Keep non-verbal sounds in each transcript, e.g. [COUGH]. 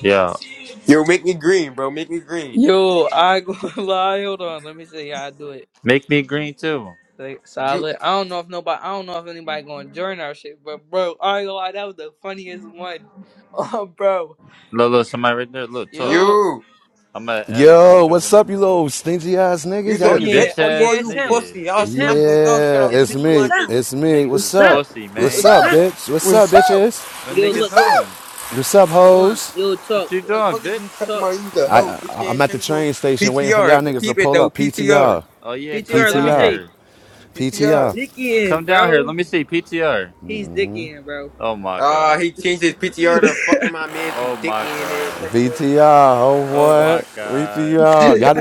Yeah. Yo, make me green, bro. Make me green. Yo, I ain't gonna [LAUGHS] lie. Hold on, let me see how I do it. Make me green too. Say You, solid. I don't know if nobody. I don't know if anybody gonna join our shit, but bro, I ain't gonna lie. That was the funniest one. [LAUGHS] Oh, bro. Look, look, somebody right there. Look, talk. Yo. you, I'm gonna add a Yo, what's couple. up, you little stingy ass you niggas? Y'all Oh You said, niggas. yeah. bitch bitch, Oh that boy, yeah. ass It's you him. nigga. pussy. I'll It's smack him. that dog shit Yeah, out It's you. it's him. What you What's me. wanna up? do? It's me. Niggas What's is What's up? up? pussy, What's What's man. What's up, up? up? bitch? What's up, What's up? bitches? What Yo, niggas look. What's up? Hold on. on? What's up, Hold on. hoes? Yo, What talk. you Look, doing, Fuck is you bitch? talking talk. about? You the I, hoe, I bitch I'm ass at the young boy. train station waiting for PTR, y'all niggas to peep it pull though. up. P T R. PTR, Oh yeah, come PTR. Let me down PTR, see. here. P T You R. PTR, dicking, Come down here. Let bro. me see PTR. He's dicking, bro. Oh my Ah, god. he changed his PTR to fucking my man. you Oh dick my in ass god. young boy. PTR. Oh Oh my what? god. VTR, Y'all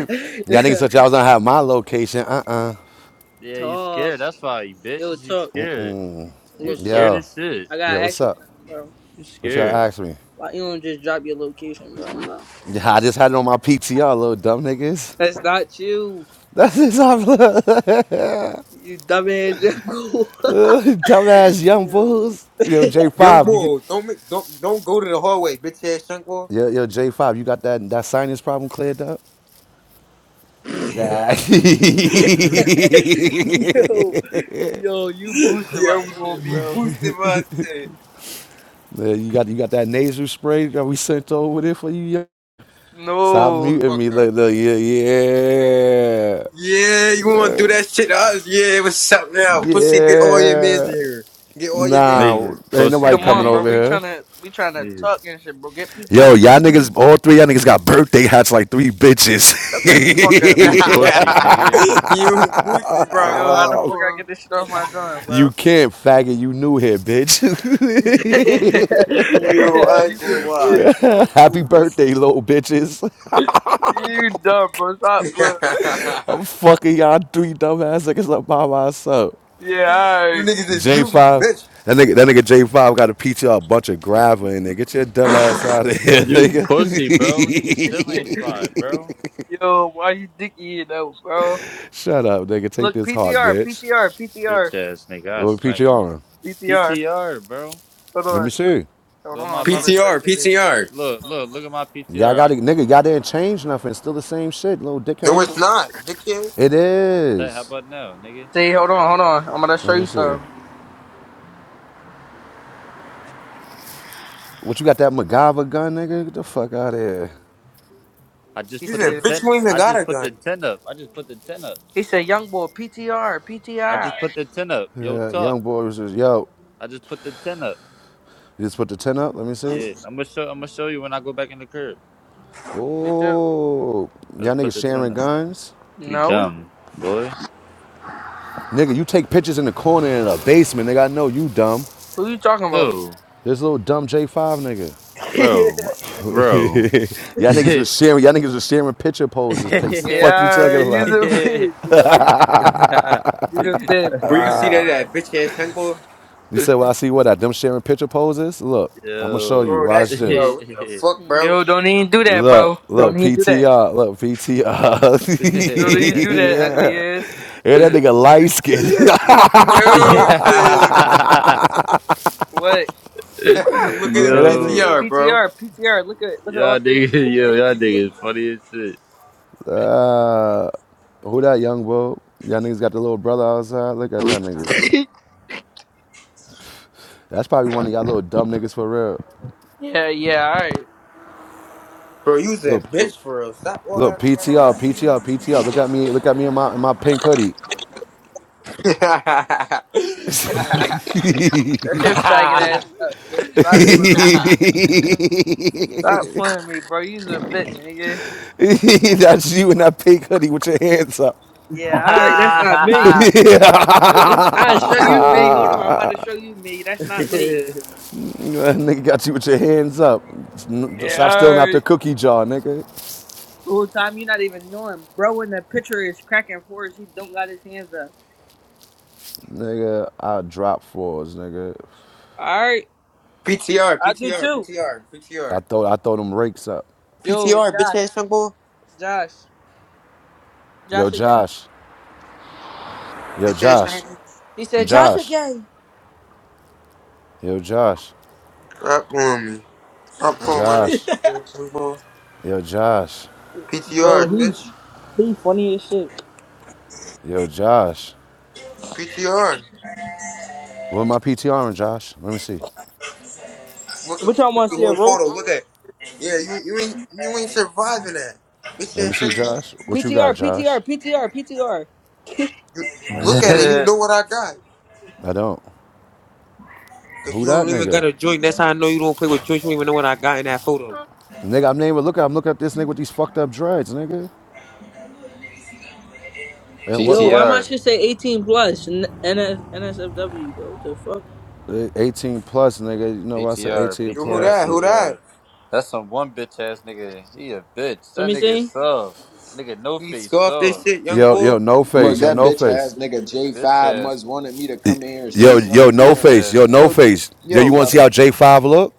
y'all niggas thought y'all was gonna have my location. Uh-uh. [LAUGHS] Yeah, you talk. scared. That's why you bitch. Yo, You talk. scared. You Look, talk. scared Yo, as shit. I yo, gotta what's ask you up? something, bro. You What y'all scared. asked me? Why you don't just drop your location, bro? Yeah, I just had it on my PTR, little dumb niggas. That's not you. [LAUGHS] That's just how I look. You dumbass jackal. [LAUGHS] Uh, dumbass young yo. fools. Yo, Young J5, you get boy, don't make, don't, don't go to the hallway, bitch ass young boy. yo, yo J5, you got that that sinus problem cleared up? Nah. [LAUGHS] yo. Yo, you [LAUGHS] boosted my Young boy shit, be bro. boosted my shit. [LAUGHS] you got you got that nasal spray that we sent over there for you. yo? Stop No. muting Fuck me. up. Look, look, yeah, yeah. Yeah, you wanna do that shit to us? Yeah, what's up now? Pussy, get all your mans in Yeah. here. Get all your mans in Nah, Niggas is here. ain't pussy, nobody Come coming on, man. bro. over We here. tryna we tryna Niggas, talk and shit, bro. Get people Yo, in y'all here. niggas, all three y'all niggas got birthday hats like three bitches. Shut the fuck up. you [LAUGHS] pussy, nigga. [LAUGHS] you pussy, bro. yo, how the Stop fuck I for get him. this shit off my drawing, [LAUGHS] you bro? can't, faggot. You new here, bitch. [LAUGHS] [LAUGHS] you You, I ain't gonna the bitch. lie, [LAUGHS] bro. You Happy pussy. birthday, little bitches. You dumb, bro. [LAUGHS] Stop playing. I'm fucking y'all three dumbass niggas up by myself. Yeah, you alright. niggas is you, J5. bitch. That nigga, that nigga J5 got to peach you a bunch of gravel in there. Get your dumb ass out of here, You nigga. pussy, bro. Nigga still ain't [LAUGHS] slide, bro. Yo, why you dicky though, bro? Shut up, nigga. Take Look, this heart, PTR, bitch. PTR, PTR, Bitch ass nigga, I What smack Little you. on? PTR. PTR, bro. Hold Let me on. see. Hold Look at on, my I'm about PT. to show you PTR, niggas. PTR. Look, look, look at my P T Y'all R. I got I, to, nigga, y'all didn't change nothing. Still the same shit, little No, it's dickheads. not, dickhead. It that, how is. about now, nigga? See, hold on, hold on. I'm about to show Let me you see. something. What you got that MacGyver gun, nigga? Get the fuck out of here. I He just You put the said, said, bitch, you ten. ain't even I got just a put the gun. ten up. I just put the ten up. he said, young boy, PTR, I PTR. just put the ten up. Yo, Yeah, talk. young boy was just, yo. I just put the ten up. You just put the 10 up. Let me see. Yeah, I'm gonna show. I'm gonna show you when I go back in the curb. Me too. Oh, I y'all just put niggas the ten sharing up. guns? You No? dumb boy. Nigga, you take pictures in the corner in a basement. Nigga, I know you dumb. Who you talking about? Who, This little dumb J5 nigga. [LAUGHS] yeah, bro, bro. [LAUGHS] y'all niggas was sharing, y'all niggas was sharing picture poses. Pace. The fuck you talking alright, you's about? a [LAUGHS] bitch, bro. [LAUGHS] Yo. [LAUGHS] You the bitch, Where bro. you I ain't see that gonna lie. at, bitch ass temple? You said, well, I see what I them sharing picture poses? yeah. Look, I'm gonna show you. Bro, that's, Watch bro, this. what the [LAUGHS] fuck, bro? Yo, don't even do that, Look, bro. Don't look, even do that. PTR, look, PTR. Don't even [LAUGHS] do that, ugly yeah. ass. And that nigga light skin. [LAUGHS] [LAUGHS] no, sis. What? [LAUGHS] God, Look at his Uh, and that nigga. Yo. PTR, bro. PTR, PTR. Look at look at all Y'all thirty niggas, [LAUGHS] bitch yo, ass y'all niggas funny as shit. Uh, who that young boy? Y'all niggas got the little brother outside. Look at y'all niggas. removals. That's probably one of y'all little dumb niggas for real. [LAUGHS] yeah, yeah, alright. Bro, you was that Look, bitch for real. Stop all look, that P and T all R, P that. T R, P T R. Look at me, look at me in my in my pink hoodie. Yeah. [LAUGHS] That's your faggot ass up, bitch. Stop playing me, nigga. Stop [LAUGHS] playing me, bro. You's a bitch, nigga. That's you in that pink hoodie with your hands up. Yeah, alright, that's not me. [LAUGHS] i show you me. yo. Hold on, I'm about [LAUGHS] to show you me. That's not me. That nigga got you with your hands up. Yeah, Stop stealing out the alright. cookie jar, nigga. Whole time you not even knowing. Bro When the picture is cracking forwards. He don't got his hands up. Nigga, I drop fours, nigga. Alright. PTR, I do PTR, too. PTR, I PTR. throw I throw them rakes up. Yo, PTR, bitch Josh. ass young boy. Josh. Yo, Joshua Gay. Josh. Yo, Bitch ass Josh. nigga. He said Joshua Josh. Gay. Yo, Josh. Stop calling me. Stop calling my name. Josh. Bitch ass young boy. Yo, Josh. Bro, PTR, bitch. he's he funny as shit. Yo, Josh. PTR. What my PTR on, Josh? Let me see. Look at What y'all look at want to the see a whole roach? photo. Look at. Yeah, you you ain't you ain't surviving that. Bitch Let me ass see, young boy. Josh. P What you T got, R P T R Josh? P T R P T R. You Let me look at see. it. You [LAUGHS] know what I got. I don't. Cause Who you that don't even nigga? got a joint. That's how I know you don't play with joints. You don't even know what I got in that photo. Nigga, I'm naming. Look, I'm looking at this nigga with these fucked up dreads, nigga. [LAUGHS] And what? Yo, What? why am I PTR. should say 18 plus N- NS- NSFW, bro? What the fuck? 18 plus, nigga. You know why I say PTR. 18 Yo, who PTR. plus? that? Yeah. Who PTR. that? That's some one bitch ass nigga. He a bitch. Let That me nigga see. soft. Nigga no He face scoffed this soft. shit, young Yo, boy. yo, no Look, face. Yo, that no bitch ass face. nigga Bitch J5 must ass. wanted me to come in here and say Yo, yo, something to no Bitch him. face. Yo, ass. no Yo, face. Yo, yo, you want to see brother. how J5 look?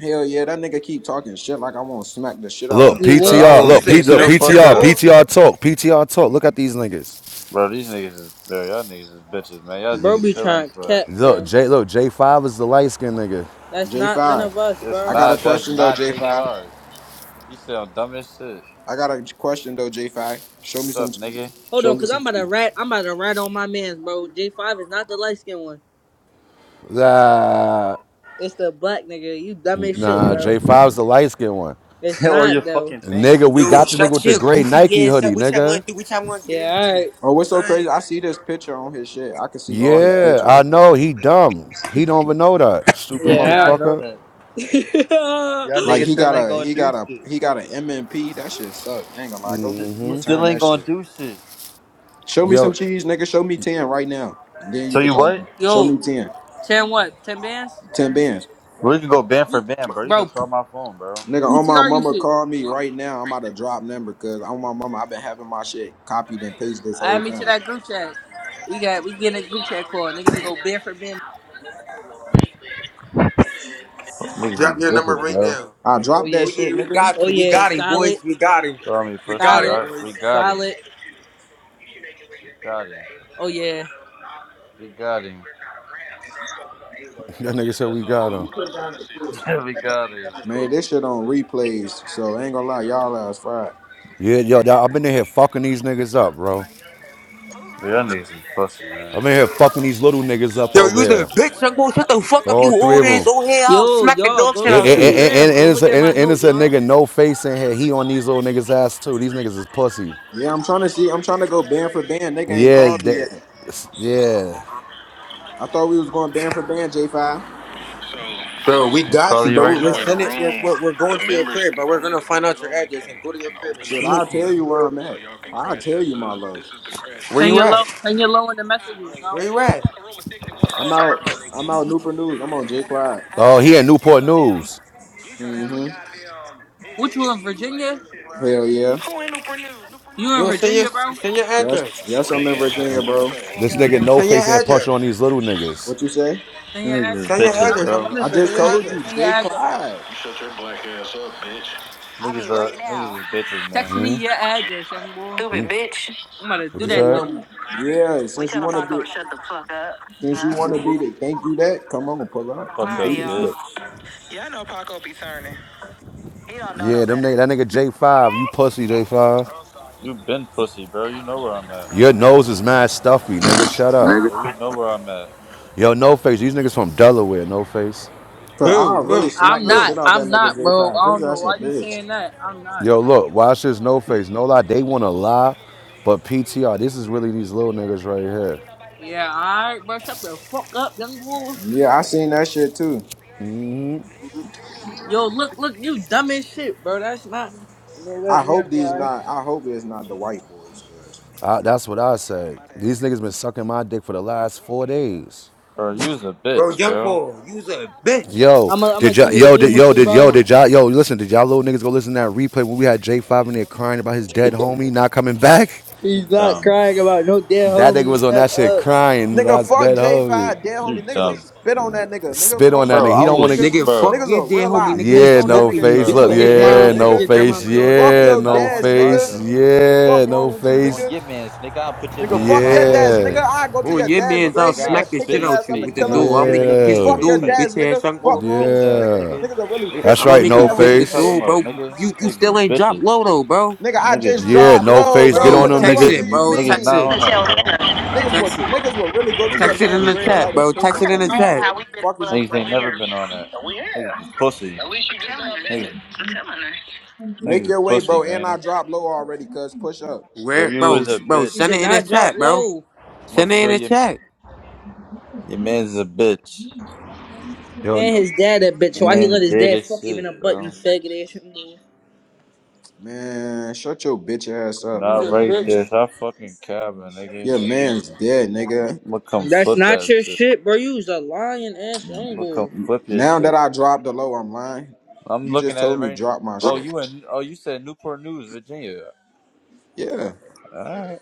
Hell yeah, that nigga keep talking shit like I want to smack the shit out of Look, him. You Bro, I won't. PTR. will You Look, P, beat said, you look, the P bitch, T fuck young R, up. P boy. T R talk. PTR talk. Look at these niggas. Bro, these niggas is bro, y'all niggas is bitches, man. Y'all Bro niggas be still ain't trying to slut. cap, Look, bro. J. Look, J5 is the light skinned nigga. That's not none of J5. us, It's I bro. got a not that's question though, not J J5. five. He sound dumb as shit. I got a question though, J5. Show What's me up, some tweets. nigga? Hold Show on, me cause I'm some about to tweets. rat I'm about to rat on my man's bro. J five is not the light skinned one. Nah, It's the black nigga. You dumb as shit, nah, bro. J5 is the light skinned one. It's [LAUGHS] or not your though. fucking thing. Nigga, we Yo, got the nigga shut with the your gray Nike goofy ass up. hoodie, Which I nigga. want to do? Which I want to get Yeah, into? alright. Oh, what's so crazy? Alright. I see this picture on his shit. I can see all his Yeah, pictures. I know. He dumb. He don't even know that. [LAUGHS] Stupid Yeah, alright. I know motherfucker. that. [LAUGHS] Y'all Like niggas he still got ain't a gonna he do got a shit. he got an MMP. That shit suck. I ain't gonna lie. Go St- You still return ain't that gonna shit. do shit. Show me some Yo, cheese, nigga. Show me 10 right now. And then So you could you talk. to what? me. Show Yo, me 10. 10 what? 10 bands? 10 bands. We can go band for You, band, bro. You can bro, call my phone, bro. Nigga, on my PTR you mama shit. call me right now. I'm about to drop number because on my mama, I've been having my shit copied and pasted this whole Add me to time. that group chat. We got, we getting a group chat call. Niggas will go band for band. Niggas Drop is your number bitches, right bro. now. I Oh dropped that Oh, yeah. shit, yeah, we nigga. got Oh you. We yeah. got him, Solid, boys. We got him. Call me We pussy. got him, solid, Alright, we boys. got him. solid. Got him. Oh yeah. We got him. [LAUGHS] that nigga said we got him. [LAUGHS] we got him. Man, this shit on replays. So I ain't gonna lie, y'all ass fried. Yeah, yo, I've been in here fucking these niggas up, bro. Bro, Y'all niggas is pussy, I've man. been here fucking these little niggas up Yo, over you the here. bitch, young boy. Shut the fuck up, All you three old of ass them. old head. I'll Yo, smack the y'all, dog go shit And, look out at the and- you. and- and- gram. Go and it's a, look at my and, and note, it's a y'all. nigga no face in here. He on these little niggas' ass too. These niggas is pussy. Yeah, I'm trying to see. I'm trying to go band for band. Nigga ain't Yeah, called me that, yet. yeah. I thought we was going band for band, J5. Bro, we I'm got you, calling you but right we're, we're now. sending. We're, we're we're going to your crib, but we're gonna find out your address and go to your crib and Shit, snoop I'll you. tell young you where boy. I'm at. I'll tell you, my love. Where Send you your at? low, send your low in the messages, Where bro. you at? I'm out. I'm out Nooper News. I'm on J Quad. Oh, he in Newport News. What you in Virginia? Hell yeah. You in Yo, send your Virginia, bro? send your Yes. address. Yes, I'm in Virginia, bro. This nigga no Send your face in here punching address. on these little niggas. What you say? Send your address, Niggas is Send bro. your bitches, 'Cause I'm, address. I'm bro. I'm I in send just your Virginia. told you, address. Send your Jay address. Clyde. Niggas uh niggas is bitches, Text man. me your address, young boy. I'm about to What do you Yeah, that said? to you. young. Yeah, since you want to be, since you want to be the, thank you that. Come on, pull up. Come Fuck up, through this bitch. bit. Yeah, them nigga, that nigga J5, you pussy J5. You been pussy, bro. You know where I'm at. Your nose is mad stuffy, nigga. Shut up. Bro, you know where I'm at. Yo, no face. These niggas from Delaware, no face. Cause I Who? really Who? I'm smacked the not. shit Who? out that I'm nigga not, bro. J5. I don't His know ass a why you bitch. saying that. I'm not. Yo, look, watch this no face. No lie, they want to lie, but PTR, this is really these little niggas right here. Yeah, alright, bro. Shut the fuck up, young boy. Yeah, I seen that shit too. hmm Yo, look, look, you dumb as shit, bro. That's not. No, that I hope never these not. mind. I hope it's not the white boys, cause I, that's what I say. These niggas been sucking my dick for the last four days. Bro, you's a Bro, bitch, young bro. boy, you's a bitch. Yo, I'm gonna I'm did gonna y'all, keep it a yo, did, beam with yo, you, did, yo, bro. did y'all, yo, listen, did y'all little niggas go listen to that replay when we had J5 in there crying about his dead homie not coming back? You He's not dumb. crying about no dead That nigga homie. was on that Shut shit up. crying, nigga, about his fuck dead homie. J5, dead homie. You Niggas a dumb. spit on that nigga. Nigga, Spit fuck on that Bro, nigga. wrong I He with don't you, want to get, was nigga. Nigga, fuck Niggas bro. your a dead real homie. life Nigga, we piss yeah, on that no smoking nigga. you, Nigga, face. Bro, you's bitch Look, Fuck a your ass niggas, bro, nigga. mom. bitch, yeah, Fuck no niggas nigga. your know grandma what face. it and is, all bro. that. Fuck Yeah, Niggas your not no gonna dad's slide nigga. face. though. Fuck Yeah, no wrong with you, On face. nigga. your mans, nigga, I'll put your Nigga, mans in fuck my your blood, dad's Yeah, nigga. nigga. I go to On your your dad's man's, Fuck I'll grave, nigga, nigga, I'll smack and the pick spit shit his in your out ass up you face, and with the nigga, kill him I'll door. I'll spit again, in make nigga. your you kiss man's the yeah, Fuck grave your door, you site, dad's bitch nigga. ass nigga. young boy. Fuck You wrong bitch with you, ass nigga. yeah. nigga. Niggas are really I'm, pissed That's I'm on gonna right, your make no dad you Fuck is kiss you the homies, talking nigga. face. dude, bro. about, nigga? You you Niggas still is ain't dropped bitches. low though, bro. Nigga, I Niggas, just Yeah, dropped no low, face. Get bro. Bro, on What the them, text fuck nigga. do niggas, it, you bro. niggas Text mean? not on it, that, bro. Niggas will text it, niggas will really go to Niggas your text is it in man's the sweet, bro. chat, gravesite and bro. piss Text on it in that the nigga, chat. cuz. Fuck is you Niggas ain't talking never about? been on that. Niggas is pussy. Niggas, Make niggas your is way, pussy, bro. And I man. dropped low already, cuz. Push up. Bro, Where, you bro? is a s- Bro, You send it did bitch. in the not drop chat, bro. low. I'ma Send it in feel the your, chat, your man's a bitch. Yo, And his dad, that bitch. Your Why he let man's his dead dad as fuck even a shit, butt? You bro. faggot ass. Man, shut your bitch ass up, bro. Not You're a Your right man. there. bitch. Stop fucking cabbing, nigga. Your man's dead, nigga. I'ma come That's flip not that your shit. shit, bro. You was a lying ass young I'ma come boy. flip your Now that shit. I dropped the low, I'm lying. I'm You looking just at it told me right. drop my Oh, shit. you in? Oh, you said Newport News, Virginia. Yeah. Alright.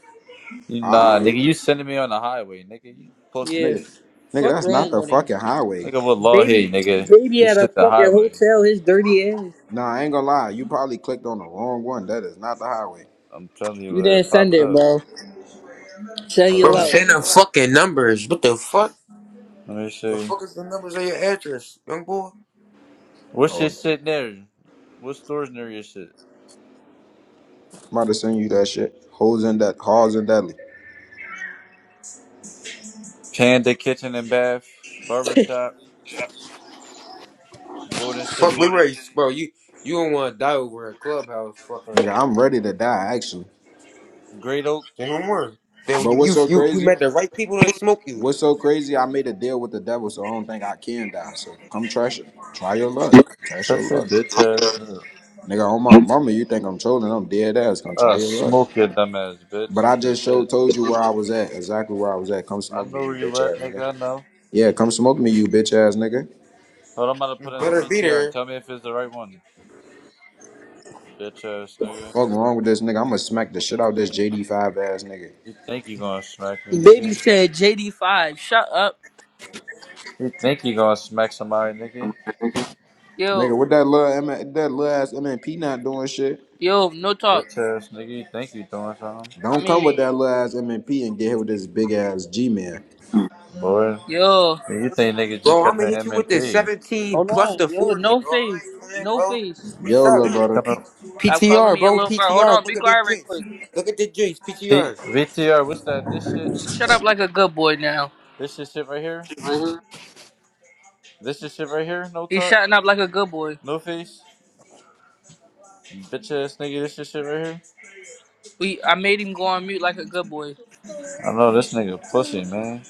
Nah, Alright. nigga, you sending me on the highway, nigga. You pussy. Yeah. Nigga. Nigga, Fuck that's not wrong the with him. fucking highway. Nigga, what law here, Baby nigga? baby This at a shit the fucking highway. hotel, his dirty ass. Nah, I ain't gonna lie. You probably clicked on the wrong one. That is not the highway. I'm telling you, You uh, didn't it send popped it, up. bro. Tell Hold you bro. on, low. let Send me the fucking numbers. What the fuck? let me The see. fuck is the numbers of your address, young boy? What's Oh, your I'm shit near? What stores near your shit? about to send you that shit. Hoes and that halls and deadly. Panda Kitchen and Bath, Barbershop, Golden Fuck City, blue race, bro. You you don't want to die over a clubhouse, fucking. Nigga, I'm ready to die, actually. Great Oak. Say no more. Then But you what's you so you, you crazy? met the right people to smoke you. What's so crazy? I made a deal with the devil, so I don't think I can die. So come trash it. Try your luck. Test Shut your your luck. bitch ass up. Nigga, on my mama, you think I'm trolling? I'm dead ass. Come try I'll your luck. smoke your dumb ass bitch. But I She's a just bitch. showed told you where I was at, exactly where I was at. Come I smoke know me, you where you bitch at, ass nigga. nigga. I know. Yeah, come smoke me, you bitch ass nigga. Hold on, I'm about to You put in the better be there. PTR. Tell me if it's the right one, bitch ass nigga. Fuck wrong with this nigga? I'ma smack the shit out of this JD five ass nigga. You think you gonna smack me, Baby nigga? said JD five. Shut up. You think you gonna smack somebody, nigga? Nigga, Yo, what that little M- that little ass MNP not doing shit. yo, no talk. Bitch ass nigga, you think you doing something? I Don't come with mean, that little ass MNP and get hit with this big ass G man. Boy, yo. you think niggas just Bro, got I'm the gonna hit you with the MMP. 17 Hold plus on. the Yo, 40, no bro. I face. ain't playing, No bro. face. What's Yo, We little up? brother. P- coming- Stop calling PTR, me your bro. little bro. Hold PTR. on, be Look at the quiet real drinks. quick. Look at the drinks. P- PTR. VTR, what's that? This shit? Shut up like a good boy now. This shit shit right here? This shit shit right here? No He's talk? shutting up like a good boy. No face? Bitch ass nigga, this shit shit right here? We I made him go on mute like a good boy. I know this nigga pussy, man.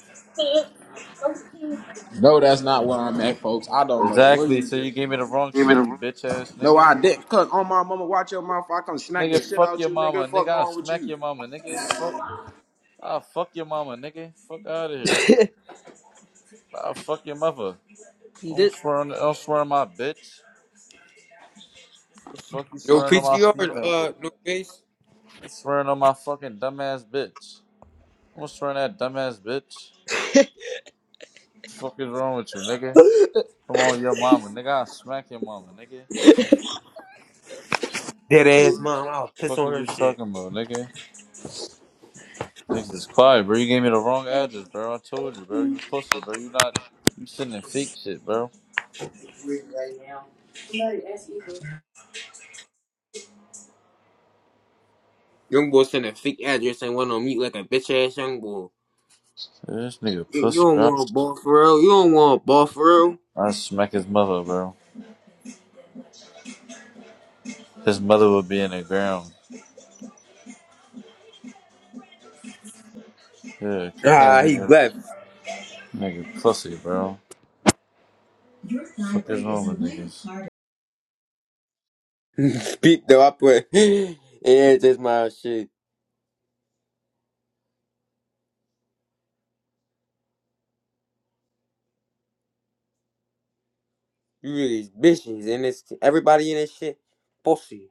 No, that's not where I'm at, folks. I don't know where Exactly, you so you just. gave me the wrong shit, you bitch ass No, nigga. I didn't. Cause on my mama, watch your mouth. I come smack the Nigga, shit fuck out your you, mama. nigga. Nigga, Fuck I'll wrong with smack you? your mama. Nigga, fuck. I'll fuck your mama, nigga. Fuck out of here. [LAUGHS] I'll fuck your mother. I This, don't swear on, I don't swear on my bitch. The fuck you No swearing on my PTR, female for? uh, no face. You swearing on my fucking dumbass bitch. I'm swearing at dumbass bitch. the fuck is wrong with you, nigga? Come on, your mama, nigga. I smack your mama, nigga. Dead ass mom. I'll piss Fuck on is her you shit. talking about, nigga? Niggas is quiet, bro. You gave me the wrong address, bro. I told you, bro. You pussy, bro. You not. You sending fake shit, bro. Young boy sent a fake address and went on mute like a bitch ass young boy. This nigga You, you pussy, don't bro. want a ball for real. You don't want a ball for real. I smack his mother, bro. His mother would be in the ground. Yeah, kick that Ah, he nigga. left. Nigga pussy, bro. Fuck is wrong with niggas? [LAUGHS] Speak though, I put. [LAUGHS] Yeah, just my shit. You really bitches and it's everybody in this shit. Pussy.